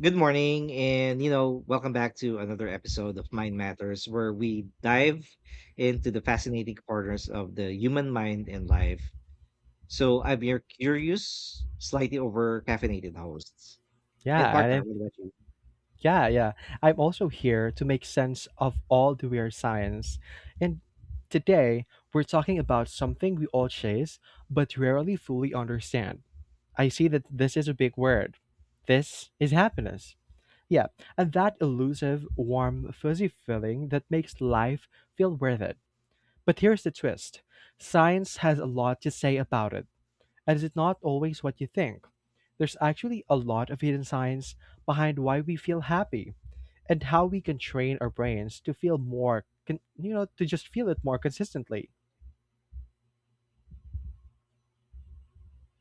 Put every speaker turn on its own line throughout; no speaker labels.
Good morning, and welcome back to another episode of Mind Matters, where we dive into the fascinating corners of the human mind and life. So, I'm your curious, slightly over caffeinated hosts
Yeah,
and partner.
I,
What about you?
yeah. I'm also here to make sense of all the weird science. And today, we're talking about something we all chase but rarely fully understand. I see that this is a big word. This is happiness. Yeah, and that elusive, warm, fuzzy feeling that makes life feel worth it. But here's the twist, science has a lot to say about it, and is it not always what you think? There's actually a lot of hidden science behind why we feel happy and how we can train our brains to feel more, to just feel it more consistently.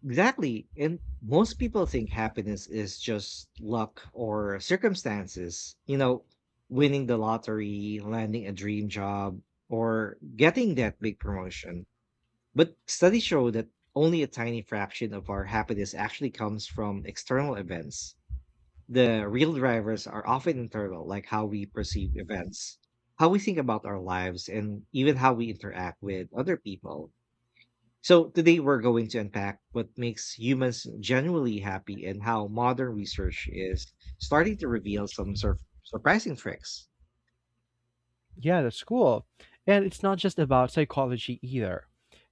Exactly. And most people think happiness is just luck or circumstances, you know, winning the lottery, landing a dream job, or getting that big promotion. But studies show that only a tiny fraction of our happiness actually comes from external events. The real drivers are often internal, like how we perceive events, how we think about our lives, and even how we interact with other people. So, today we're going to unpack what makes humans genuinely happy and how modern research is starting to reveal some surprising tricks.
Yeah, that's cool. And it's not just about psychology either.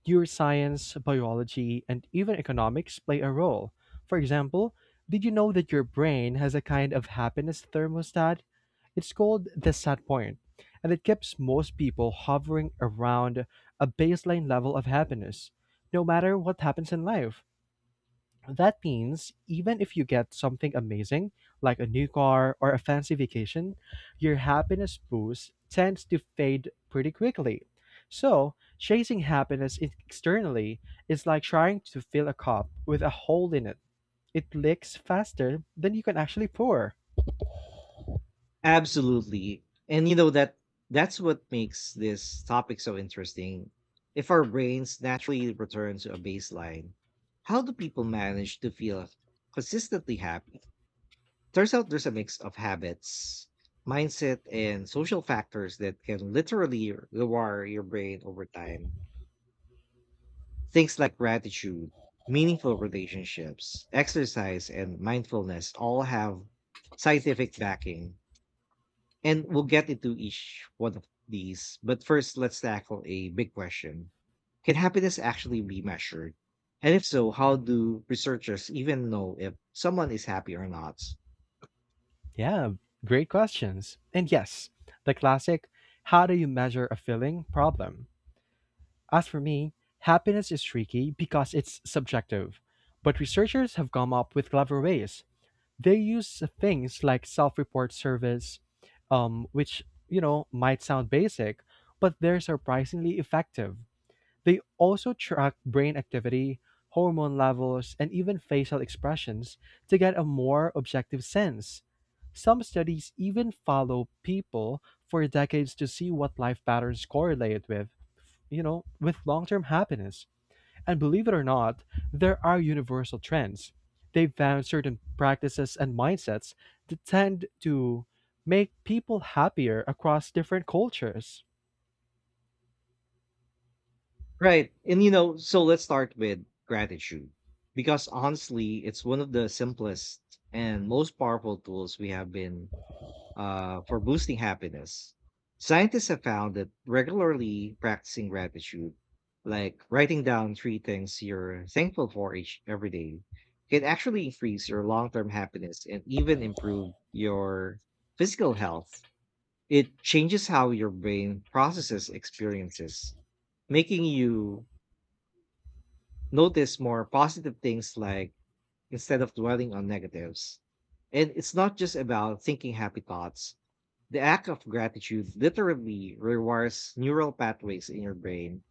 Neuroscience, biology, and even economics play a role. For example, did you know that your brain has a kind of happiness thermostat? It's called the set point, and it keeps most people hovering around a baseline level of happiness, no matter what happens in life. That means even if you get something amazing, like a new car or a fancy vacation, your happiness boost tends to fade pretty quickly. So, chasing happiness externally is like trying to fill a cup with a hole in it. It leaks faster than you can actually pour.
Absolutely. And you know that's what makes this topic so interesting. If our brains naturally return to a baseline, how do people manage to feel consistently happy? Turns out there's a mix of habits, mindset, and social factors that can literally rewire your brain over time. Things like gratitude, meaningful relationships, exercise, and mindfulness all have scientific backing. And we'll get into each one of these. But first, let's tackle a big question. Can happiness actually be measured? And if so, how do researchers even know if someone is happy or not?
Yeah, great questions. And yes, the classic how do you measure a feeling problem? As for me, happiness is tricky because it's subjective, but researchers have come up with clever ways. They use things like self-report service, which might sound basic, but they're surprisingly effective. They also track brain activity, hormone levels, and even facial expressions to get a more objective sense. Some studies even follow people for decades to see what life patterns correlate with, with long term happiness. And believe it or not, there are universal trends. They found certain practices and mindsets that tend to make people happier across different cultures.
Right. And you know, so let's start with gratitude. Because honestly, it's one of the simplest and most powerful tools we have been for boosting happiness. Scientists have found that regularly practicing gratitude, like writing down three things you're thankful for each every day, can actually increase your long-term happiness and even improve your physical health. It changes how your brain processes experiences, making you notice more positive things, like instead of dwelling on negatives. And it's not just about thinking happy thoughts; the act of gratitude literally rewires neural pathways in your brain.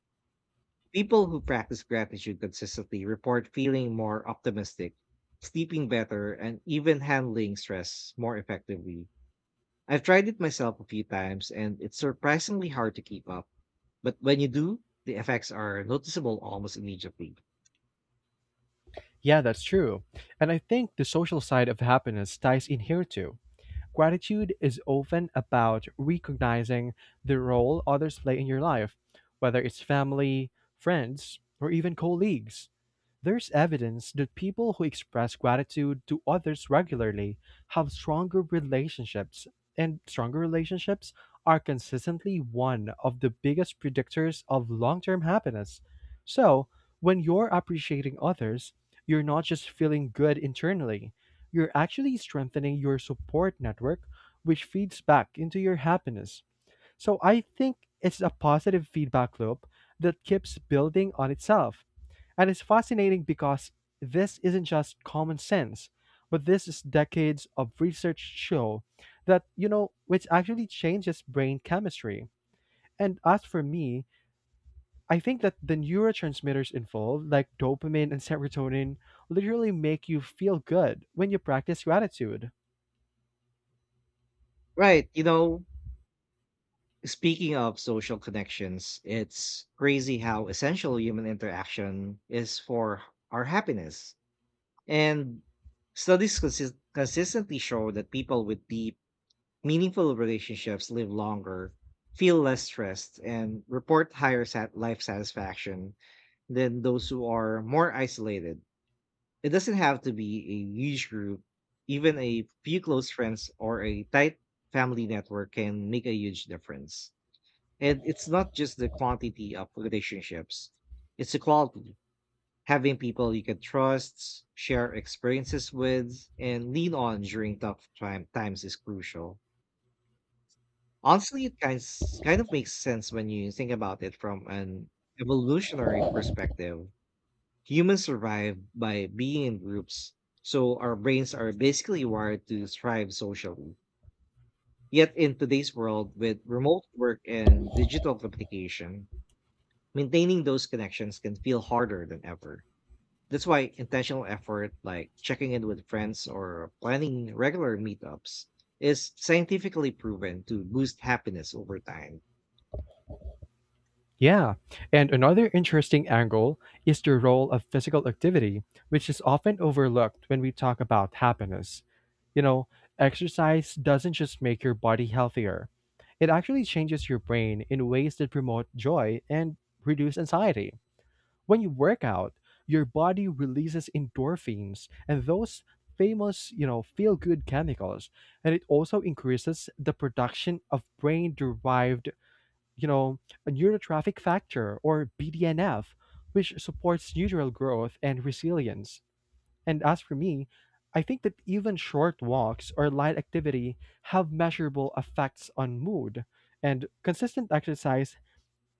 People who practice gratitude consistently report feeling more optimistic, sleeping better, and even handling stress more effectively. I've tried it myself a few times, and it's surprisingly hard to keep up. But when you do, the effects are noticeable almost immediately.
Yeah, that's true. And I think the social side of happiness ties in here too. Gratitude is often about recognizing the role others play in your life, whether it's family, friends, or even colleagues. There's evidence that people who express gratitude to others regularly have stronger relationships, and stronger relationships are consistently one of the biggest predictors of long term happiness. So, when you're appreciating others, you're not just feeling good internally, you're actually strengthening your support network, which feeds back into your happiness. So I think it's a positive feedback loop that keeps building on itself. And it's fascinating because this isn't just common sense, but this is decades of research show that, which actually changes brain chemistry. And as for me, I think that the neurotransmitters involved, like dopamine and serotonin, literally make you feel good when you practice gratitude.
Right. You know, speaking of social connections, it's crazy how essential human interaction is for our happiness. And studies consistently show that people with deep, meaningful relationships live longer, feel less stressed, and report higher life satisfaction than those who are more isolated. It doesn't have to be a huge group, even a few close friends or a tight family network can make a huge difference. And it's not just the quantity of relationships, it's the quality. Having people you can trust, share experiences with, and lean on during tough times is crucial. Honestly, it kind of makes sense when you think about it from an evolutionary perspective. Humans survive by being in groups, so our brains are basically wired to thrive socially. Yet in today's world, with remote work and digital communication, maintaining those connections can feel harder than ever. That's why intentional effort, like checking in with friends or planning regular meetups, is scientifically proven to boost happiness over time.
Yeah, and another interesting angle is the role of physical activity, which is often overlooked when we talk about happiness. You know, exercise doesn't just make your body healthier, it actually changes your brain in ways that promote joy and reduce anxiety. When you work out, your body releases endorphins and those famous, feel good chemicals, and it also increases the production of brain derived, you know, a neurotrophic factor or BDNF, which supports neural growth and resilience. And as for me, I think that even short walks or light activity have measurable effects on mood, and consistent exercise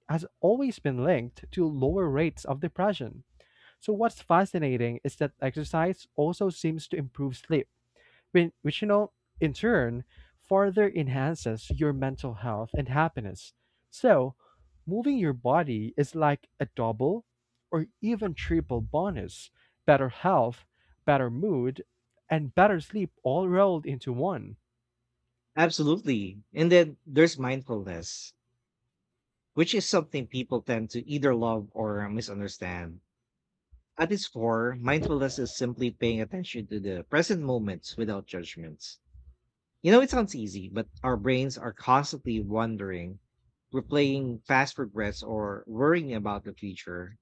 has always been linked to lower rates of depression. So, what's fascinating is that exercise also seems to improve sleep which, in turn, further enhances your mental health and happiness. So, moving your body is like a double or even triple bonus: better health, better mood, and better sleep all rolled into one.
Absolutely. And then there's mindfulness, which is something people tend to either love or misunderstand. At its core, mindfulness is simply paying attention to the present moments without judgments. You know, it sounds easy, but our brains are constantly wondering, replaying past regrets, or worrying about the future.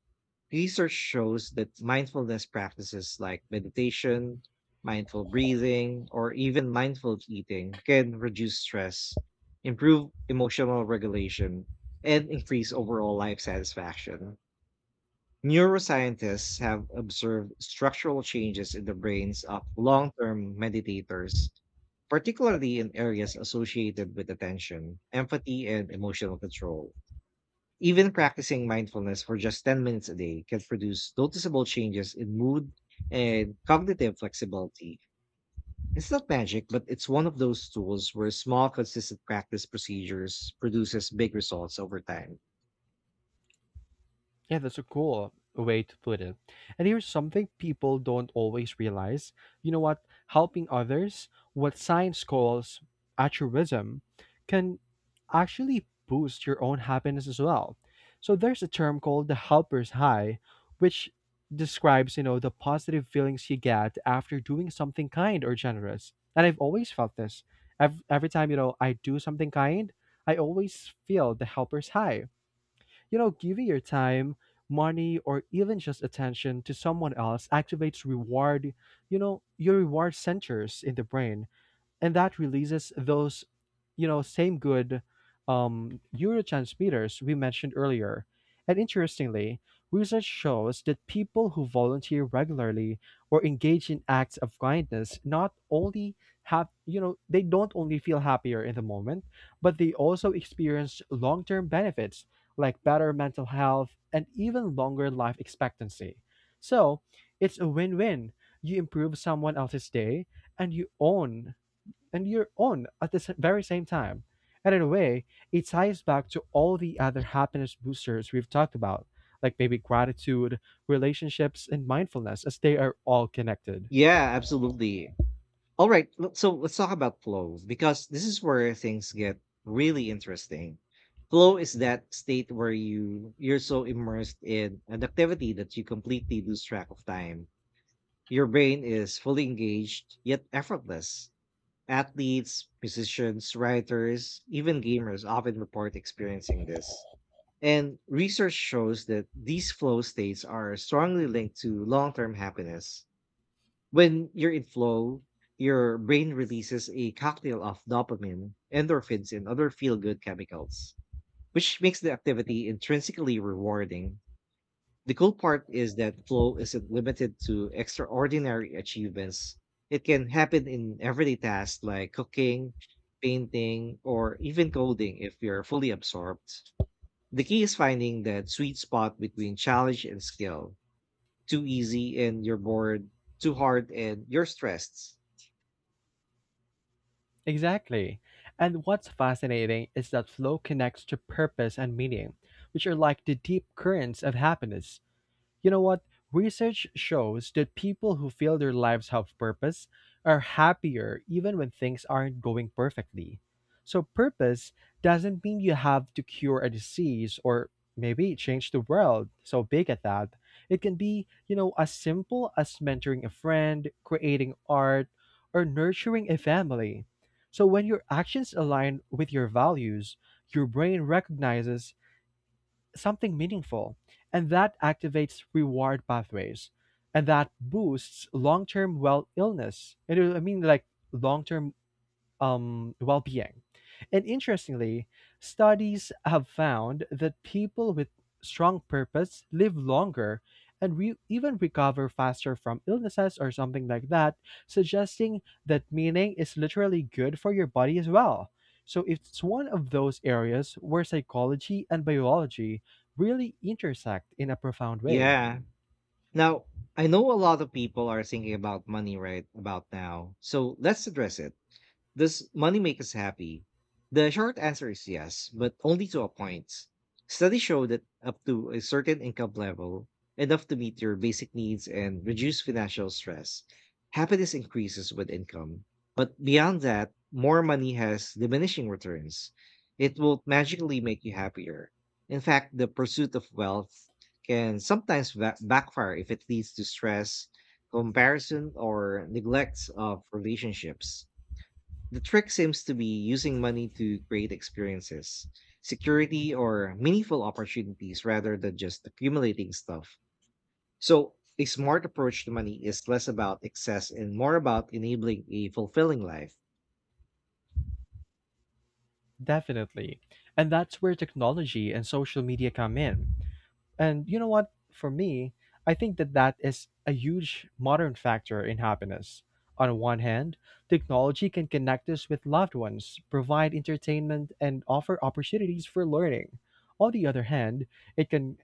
Research shows that mindfulness practices like meditation, mindful breathing, or even mindful eating can reduce stress, improve emotional regulation, and increase overall life satisfaction. Neuroscientists have observed structural changes in the brains of long term meditators, particularly in areas associated with attention, empathy, and emotional control. Even practicing mindfulness for just 10 minutes a day can produce noticeable changes in mood and cognitive flexibility. It's not magic, but it's one of those tools where small, consistent practice procedures produces big results over time.
Yeah, that's a cool way to put it. And here's something people don't always realize. You know what? Helping others, what science calls altruism, can actually boost your own happiness as well. So there's a term called the helper's high, which describes, the positive feelings you get after doing something kind or generous. And I've always felt this. Every time, I do something kind, I always feel the helper's high. Giving your time, money, or even just attention to someone else activates reward, your reward centers in the brain, and that releases those same good neurotransmitters we mentioned earlier. And interestingly, research shows that people who volunteer regularly or engage in acts of kindness not only have, they don't only feel happier in the moment, but they also experience long-term benefits like better mental health and even longer life expectancy. So it's a win-win. You improve someone else's day, and you own and your own at the very same time. And in a way, it ties back to all the other happiness boosters we've talked about, like maybe gratitude, relationships, and mindfulness, as they are all connected.
Yeah, absolutely. All right, so let's talk about flow because this is where things get really interesting. Flow is that state where you're so immersed in an activity that you completely lose track of time. Your brain is fully engaged yet effortless. Athletes, musicians, writers, even gamers often report experiencing this. And research shows that these flow states are strongly linked to long term happiness. When you're in flow, your brain releases a cocktail of dopamine, endorphins, and other feel good chemicals, which makes the activity intrinsically rewarding. The cool part is that flow isn't limited to extraordinary achievements. It can happen in everyday tasks like cooking, painting, or even coding if you're fully absorbed. The key is finding that sweet spot between challenge and skill. Too easy and you're bored, too hard and you're stressed.
Exactly. And what's fascinating is that flow connects to purpose and meaning, which are like the deep currents of happiness. You know what? Research shows that people who feel their lives have purpose are happier even when things aren't going perfectly. So, purpose doesn't mean you have to cure a disease or maybe change the world so big at that. It can be, as simple as mentoring a friend, creating art, or nurturing a family. So, when your actions align with your values, your brain recognizes something meaningful, and that activates reward pathways, and that boosts long-term well illness. And I mean, like long-term well being. And interestingly, studies have found that people with strong purpose live longer and even recover faster from illnesses or something like that, suggesting that meaning is literally good for your body as well. So it's one of those areas where psychology and biology really intersect in a profound way.
Yeah. Now, I know a lot of people are thinking about money right about now, so let's address it. Does money make us happy? The short answer is yes, but only to a point. Studies show that up to a certain income level, enough to meet your basic needs and reduce financial stress, happiness increases with income. But beyond that, more money has diminishing returns. It will magically make you happier. In fact, the pursuit of wealth can sometimes backfire if it leads to stress, comparison, or neglect of relationships. The trick seems to be using money to create experiences, security, or meaningful opportunities rather than just accumulating stuff. So, a smart approach to money is less about excess and more about enabling a fulfilling life.
Definitely. And that's where technology and social media come in. And you know what? For me, I think that that is a huge modern factor in happiness. On one hand, technology can connect us with loved ones, provide entertainment, and offer opportunities for learning. On the other hand, it can,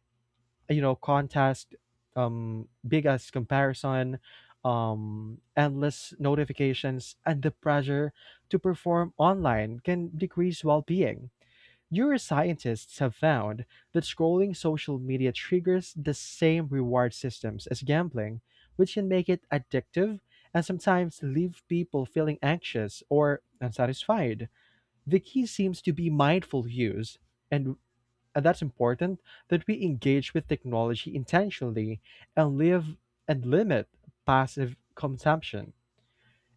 contest biggest comparison, endless notifications, and the pressure to perform online can decrease well being. Neuroscientists have found that scrolling social media triggers the same reward systems as gambling, which can make it addictive and sometimes leave people feeling anxious or unsatisfied. The key seems to be mindful use, and and that's important that we engage with technology intentionally and live and limit passive consumption.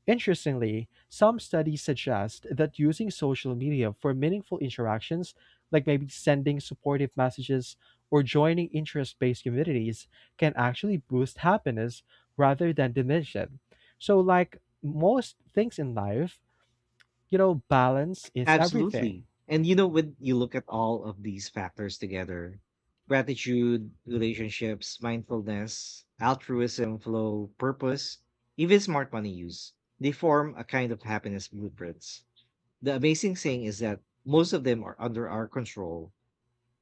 Interestingly, some studies suggest that using social media for meaningful interactions, like maybe sending supportive messages or joining interest based communities, can actually boost happiness rather than diminish it. So, like most things in life, balance is everything.
Absolutely. And you know, when you look at all of these factors together: gratitude, relationships, mindfulness, altruism, flow, purpose, even smart money use, they form a kind of happiness blueprints. The amazing thing is that most of them are under our control.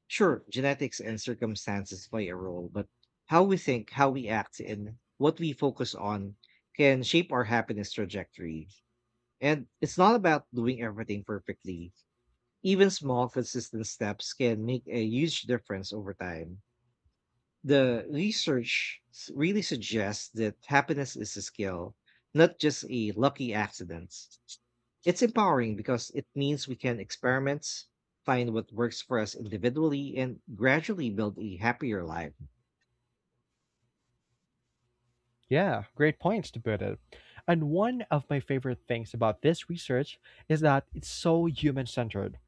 Sure, genetics and circumstances play a role, but how we think, how we act, and what we focus on can shape our happiness trajectory. And it's not about doing everything perfectly. Even small, consistent steps can make a huge difference over time. The research really suggests that happiness is a skill, not just a lucky accident. It's empowering because it means we can experiment, find what works for us individually, and gradually build a happier life.
Yeah, great points to put it. And one of my favorite things about this research is that it's so human centered.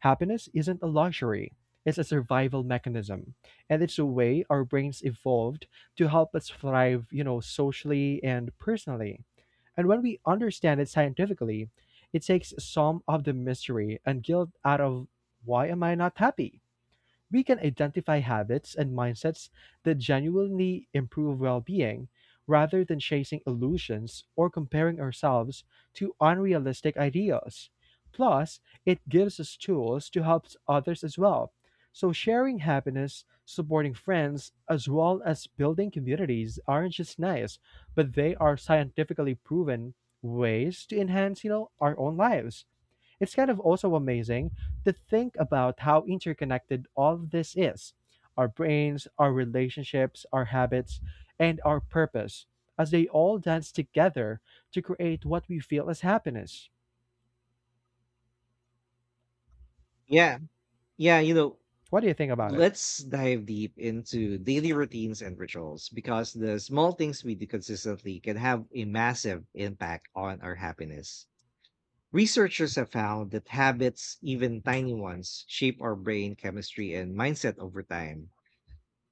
Happiness isn't a luxury, it's a survival mechanism. And it's a way our brains evolved to help us thrive, socially and personally. And when we understand it scientifically, it takes some of the mystery and guilt out of why am I not happy? We can identify habits and mindsets that genuinely improve well being, rather than chasing illusions or comparing ourselves to unrealistic ideals. Plus, it gives us tools to help others as well. So, sharing happiness, supporting friends, as well as building communities aren't just nice, but they are scientifically proven ways to enhance, our own lives. It's kind of also amazing to think about how interconnected all of this is: our brains, our relationships, our habits, and our purpose, as they all dance together to create what we feel as happiness.
Yeah. Yeah. You know,
What do you think about it?
let's dive deep into daily routines and rituals because the small things we do consistently can have a massive impact on our happiness. Researchers have found that habits, even tiny ones, shape our brain chemistry and mindset over time.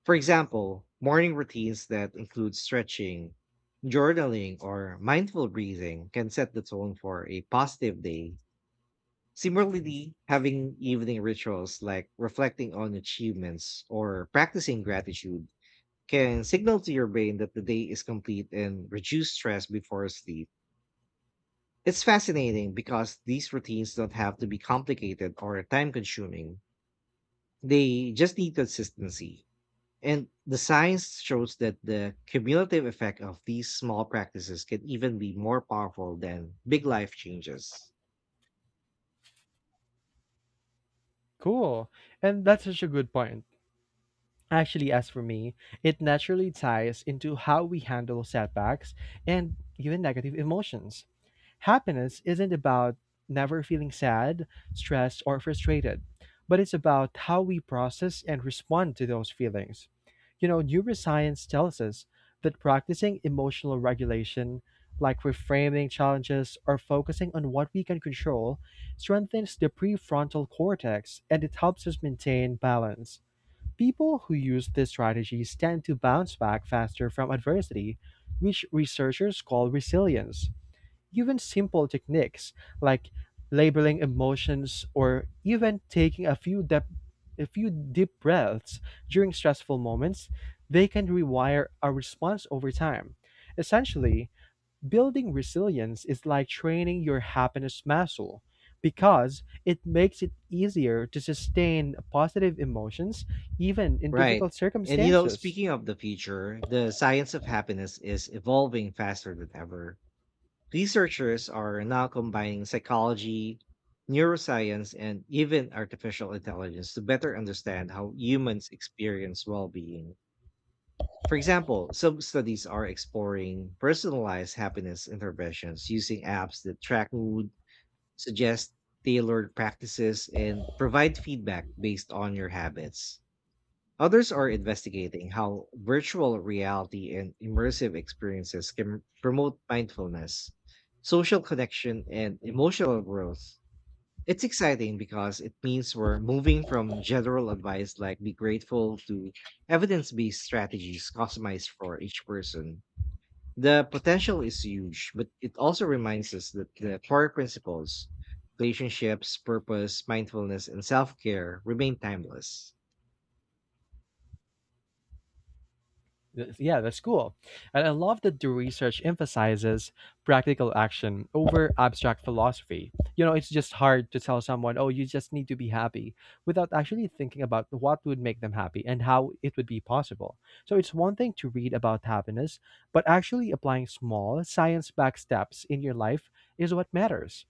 For example, morning routines that include stretching, journaling, or mindful breathing can set the tone for a positive day. Similarly, having evening rituals like reflecting on achievements or practicing gratitude can signal to your brain that the day is complete and reduce stress before sleep. It's fascinating because these routines don't have to be complicated or time consuming. They just need consistency. And the science shows that the cumulative effect of these small practices can even be more powerful than big life changes.
Cool. And that's such a good point. Actually, as for me, it naturally ties into how we handle setbacks and even negative emotions. Happiness isn't about never feeling sad, stressed, or frustrated, but it's about how we process and respond to those feelings. You know, neuroscience tells us that practicing emotional regulation, like reframing challenges or focusing on what we can control, strengthens the prefrontal cortex and it helps us maintain balance. People who use this strategy tend to bounce back faster from adversity, which researchers call resilience. Even simple techniques like labeling emotions or even taking a few deep breaths during stressful moments, they can rewire our response over time. Essentially, building resilience is like training your happiness muscle because it makes it easier to sustain positive emotions even in
Right.
difficult
And you know,
circumstances.
speaking of the future, the science of happiness is evolving faster than ever. Researchers are now combining psychology, neuroscience, and even artificial intelligence to better understand how humans experience well being. For example, some studies are exploring personalized happiness interventions using apps that track mood, suggest tailored practices, and provide feedback based on your habits. Others are investigating how virtual reality and immersive experiences can promote mindfulness, social connection, and emotional growth. It's exciting because it means we're moving from general advice like be grateful to evidence based strategies customized for each person. The potential is huge, but it also reminds us that the core principles, relationships, purpose, mindfulness, and self care remain timeless.
Yeah, the school. And I love that the research emphasizes practical action over abstract philosophy. You know, it's just hard to tell someone, oh, you just need to be happy without actually thinking about what would make them happy and how it would be possible. So it's one thing to read about happiness, but actually applying small science backed steps in your life is what matters.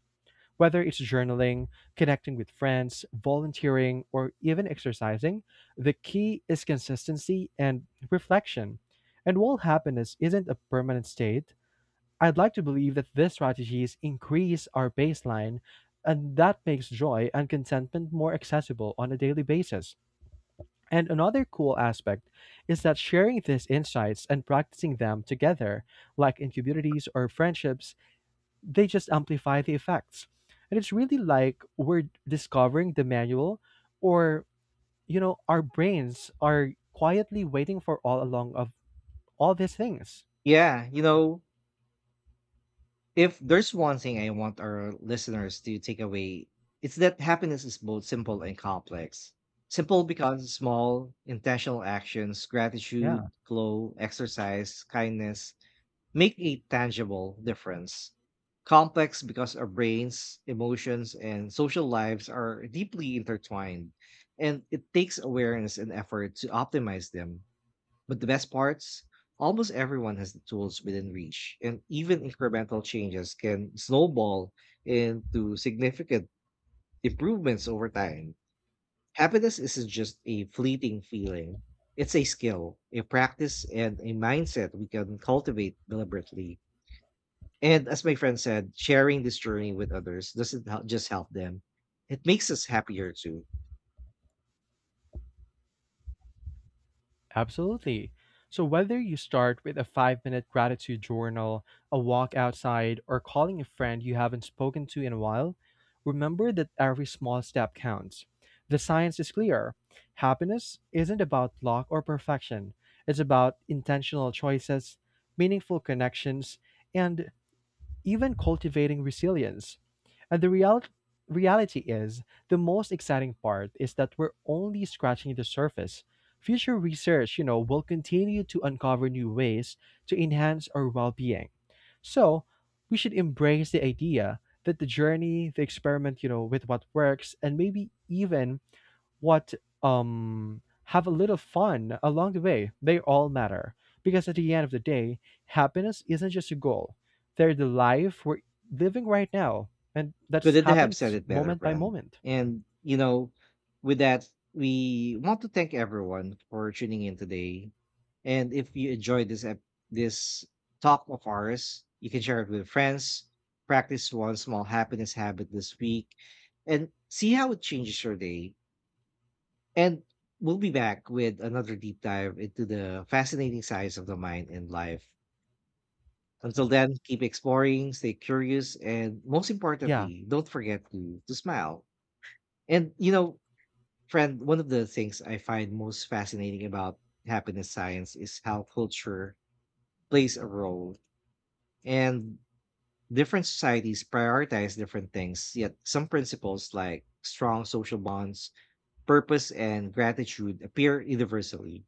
Whether it's journaling, connecting with friends, volunteering, or even exercising, the key is consistency and reflection. And while happiness isn't a permanent state, I'd like to believe that these strategies increase our baseline, and that makes joy and contentment more accessible on a daily basis. And another cool aspect is that sharing these insights and practicing them together, like in communities or friendships, they just amplify the effects. And it's really like we're discovering the manual or our brains are quietly waiting for all along of all these things.
Yeah, you know, if there's one thing I want our listeners to take away, it's that happiness is both simple and complex. Simple because small, intentional actions,
Yeah.
gratitude, glow, exercise, kindness make a tangible difference. Complex because our brains, emotions, and social lives are deeply intertwined, and it takes awareness and effort to optimize them. But the best parts? Almost everyone has the tools within reach, and even incremental changes can snowball into significant improvements over time. Happiness isn't just a fleeting feeling, it's a skill, a practice, and a mindset we can cultivate deliberately. And as my friend said, sharing this journey with others doesn't just help them, it makes us happier too.
Absolutely. So, whether you start with a 5-minute gratitude journal, a walk outside, or calling a friend you haven't spoken to in a while, remember that every small step counts. The science is clear, happiness isn't about luck or perfection, it's about intentional choices, meaningful connections, and even cultivating resilience. And the reality is, the most exciting part is that we're only scratching the surface. Future research, will continue to uncover new ways to enhance our well-being. So, we should embrace the idea that the journey, the experiment, with what works and maybe even what have a little fun along the way, they all matter because at the end of the day happiness isn't just a goal, they're the life we're living right now, and that
Couldn't have said
happens
it better,
moment by
friend.
moment.
And, you know, with that, we want to thank everyone for tuning in today. And if you enjoyed this this talk of ours, you can share it with friends. Practice one small happiness habit this week and see how it changes your day. And we'll be back with another deep dive into the fascinating sides of the mind and life. Until then, keep exploring, stay curious, and most
Yeah.
importantly, don't forget to smile. And you know, friend, one of the things I find most fascinating about happiness science is how culture plays a role. And different societies prioritize different things, yet some principles like strong social bonds, purpose, and gratitude appear universally.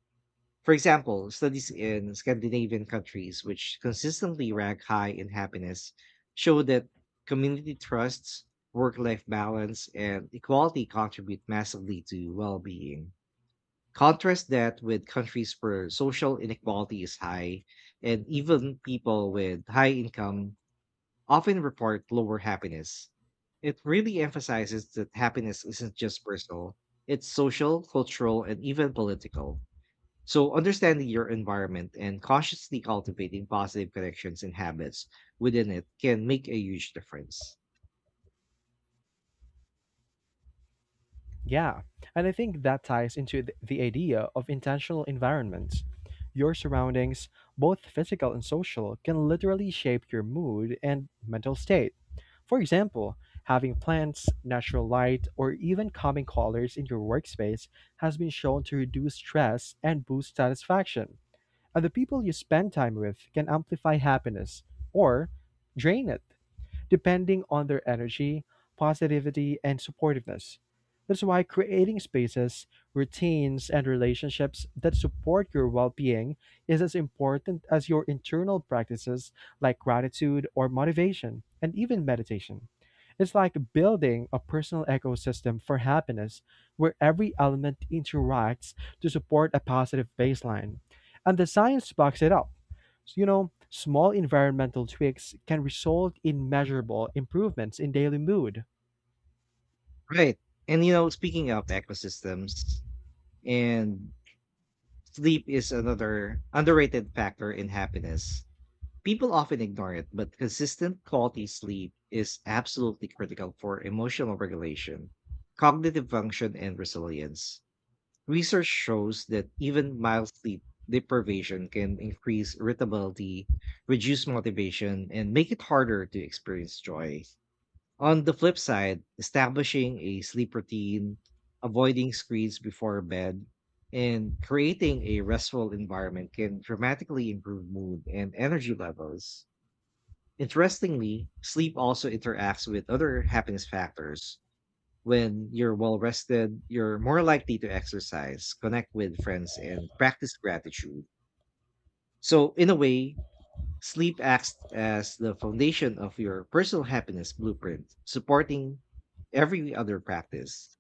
For example, studies in Scandinavian countries, which consistently rank high in happiness, show that community trusts, work life balance, and equality contribute massively to well being. Contrast that with countries where social inequality is high, and even people with high income often report lower happiness. It really emphasizes that happiness isn't just personal, it's social, cultural, and even political. So, understanding your environment and consciously cultivating positive connections and habits within it can make a huge difference.
Yeah, and I think that ties into the idea of intentional environments. Your surroundings, both physical and social, can literally shape your mood and mental state. For example, having plants, natural light, or even calming colors in your workspace has been shown to reduce stress and boost satisfaction. And the people you spend time with can amplify happiness or drain it depending on their energy, positivity, and supportiveness. That's why creating spaces, routines, and relationships that support your well being is as important as your internal practices like gratitude or motivation, and even meditation. It's like building a personal ecosystem for happiness where every element interacts to support a positive baseline. And the science backs it up. Small environmental tweaks can result in measurable improvements in daily mood.
Right. And, you know, speaking of ecosystems and sleep is another underrated factor in happiness. People often ignore it, but consistent quality sleep is absolutely critical for emotional regulation, cognitive function, and resilience. Research shows that even mild sleep deprivation can increase irritability, reduce motivation, and make it harder to experience joy. On the flip side, establishing a sleep routine, avoiding screens before bed, and creating a restful environment can dramatically improve mood and energy levels. Interestingly, sleep also interacts with other happiness factors. When you're well rested, you're more likely to exercise, connect with friends, and practice gratitude. So, in a way, sleep acts as the foundation of your personal happiness blueprint, supporting every other practice.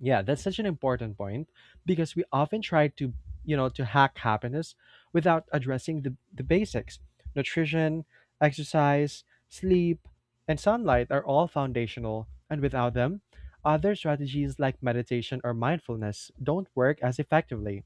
Yeah, that's such an important point because we often try to, to hack happiness without addressing the basics. Nutrition, exercise, sleep, and sunlight are all foundational, and without them, other strategies like meditation or mindfulness don't work as effectively.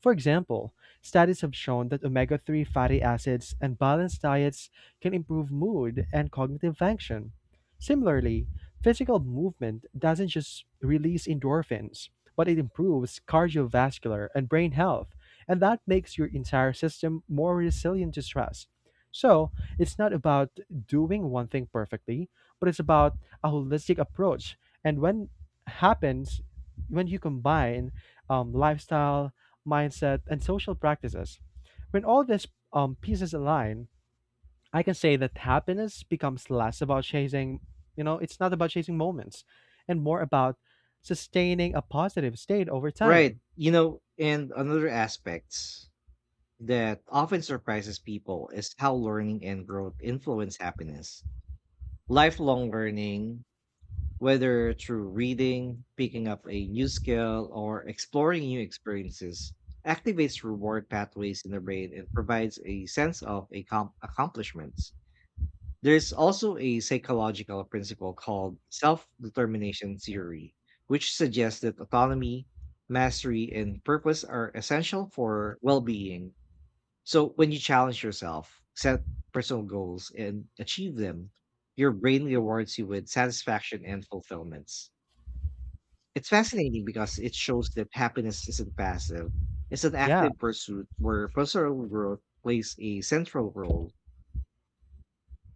For example, studies have shown that omega 3 fatty acids and balanced diets can improve mood and cognitive function. Similarly, physical movement doesn't just release endorphins, but it improves cardiovascular and brain health, and that makes your entire system more resilient to stress. So, it's not about doing one thing perfectly, but it's about a holistic approach. And when happens, when you combine lifestyle, mindset, and social practices, when all these pieces align, I can say that happiness becomes less about chasing, it's not about chasing moments and more about sustaining a positive state over
Right.
time.
You know, and another aspect that often surprises people is how learning and growth influence happiness. Lifelong learning, whether through reading, picking up a new skill, or exploring new experiences, activates reward pathways in the brain and provides a sense of accomplishment. There's also a psychological principle called self determination theory, which suggests that autonomy, mastery, and purpose are essential for well being. So, when you challenge yourself, set personal goals, and achieve them, your brain rewards you with satisfaction and fulfillments. It's fascinating because it shows that happiness isn't passive, it's an
Yeah.
active pursuit where personal growth plays a central role.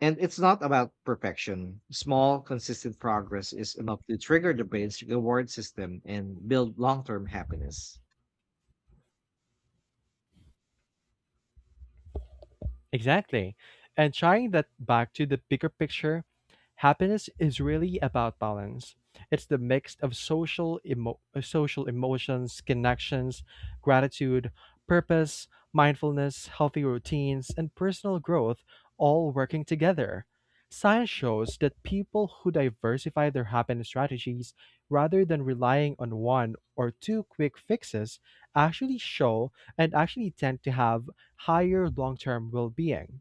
And it's not about perfection. Small, consistent progress is enough to trigger the brain's reward system and build long term happiness.
Exactly. And tying that back to the bigger picture, happiness is really about balance. It's the mix of social emotions, connections, gratitude, purpose, mindfulness, healthy routines, and personal growth all working together. Science shows that people who diversify their happiness strategies rather than relying on one or two quick fixes actually show and actually tend to have higher long-term well-being.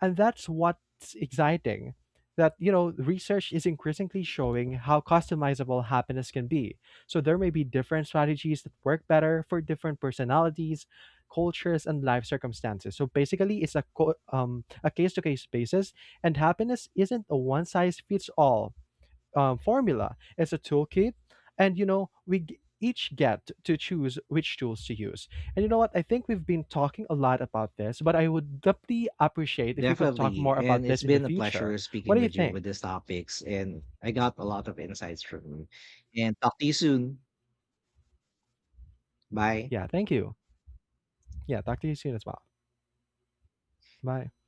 And that's what's exciting. Research is increasingly showing how customizable happiness can be. So there may be different strategies that work better for different personalities, cultures, and life circumstances. So basically, it's a a case-to-case basis, and happiness isn't a one-size-fits-all formula as a toolkit, and each get to choose which tools to use. And you know what? I think we've been talking a lot about this, but I would deeply appreciate if you could talk
Definitely.
more
And
about
it's
this in the
been a pleasure
future. What
speaking
do you
with you with
think?
these topics. And I got a lot of insights from you. And talk to you soon. Bye.
Yeah, thank you. Yeah, talk to you soon as well. Bye.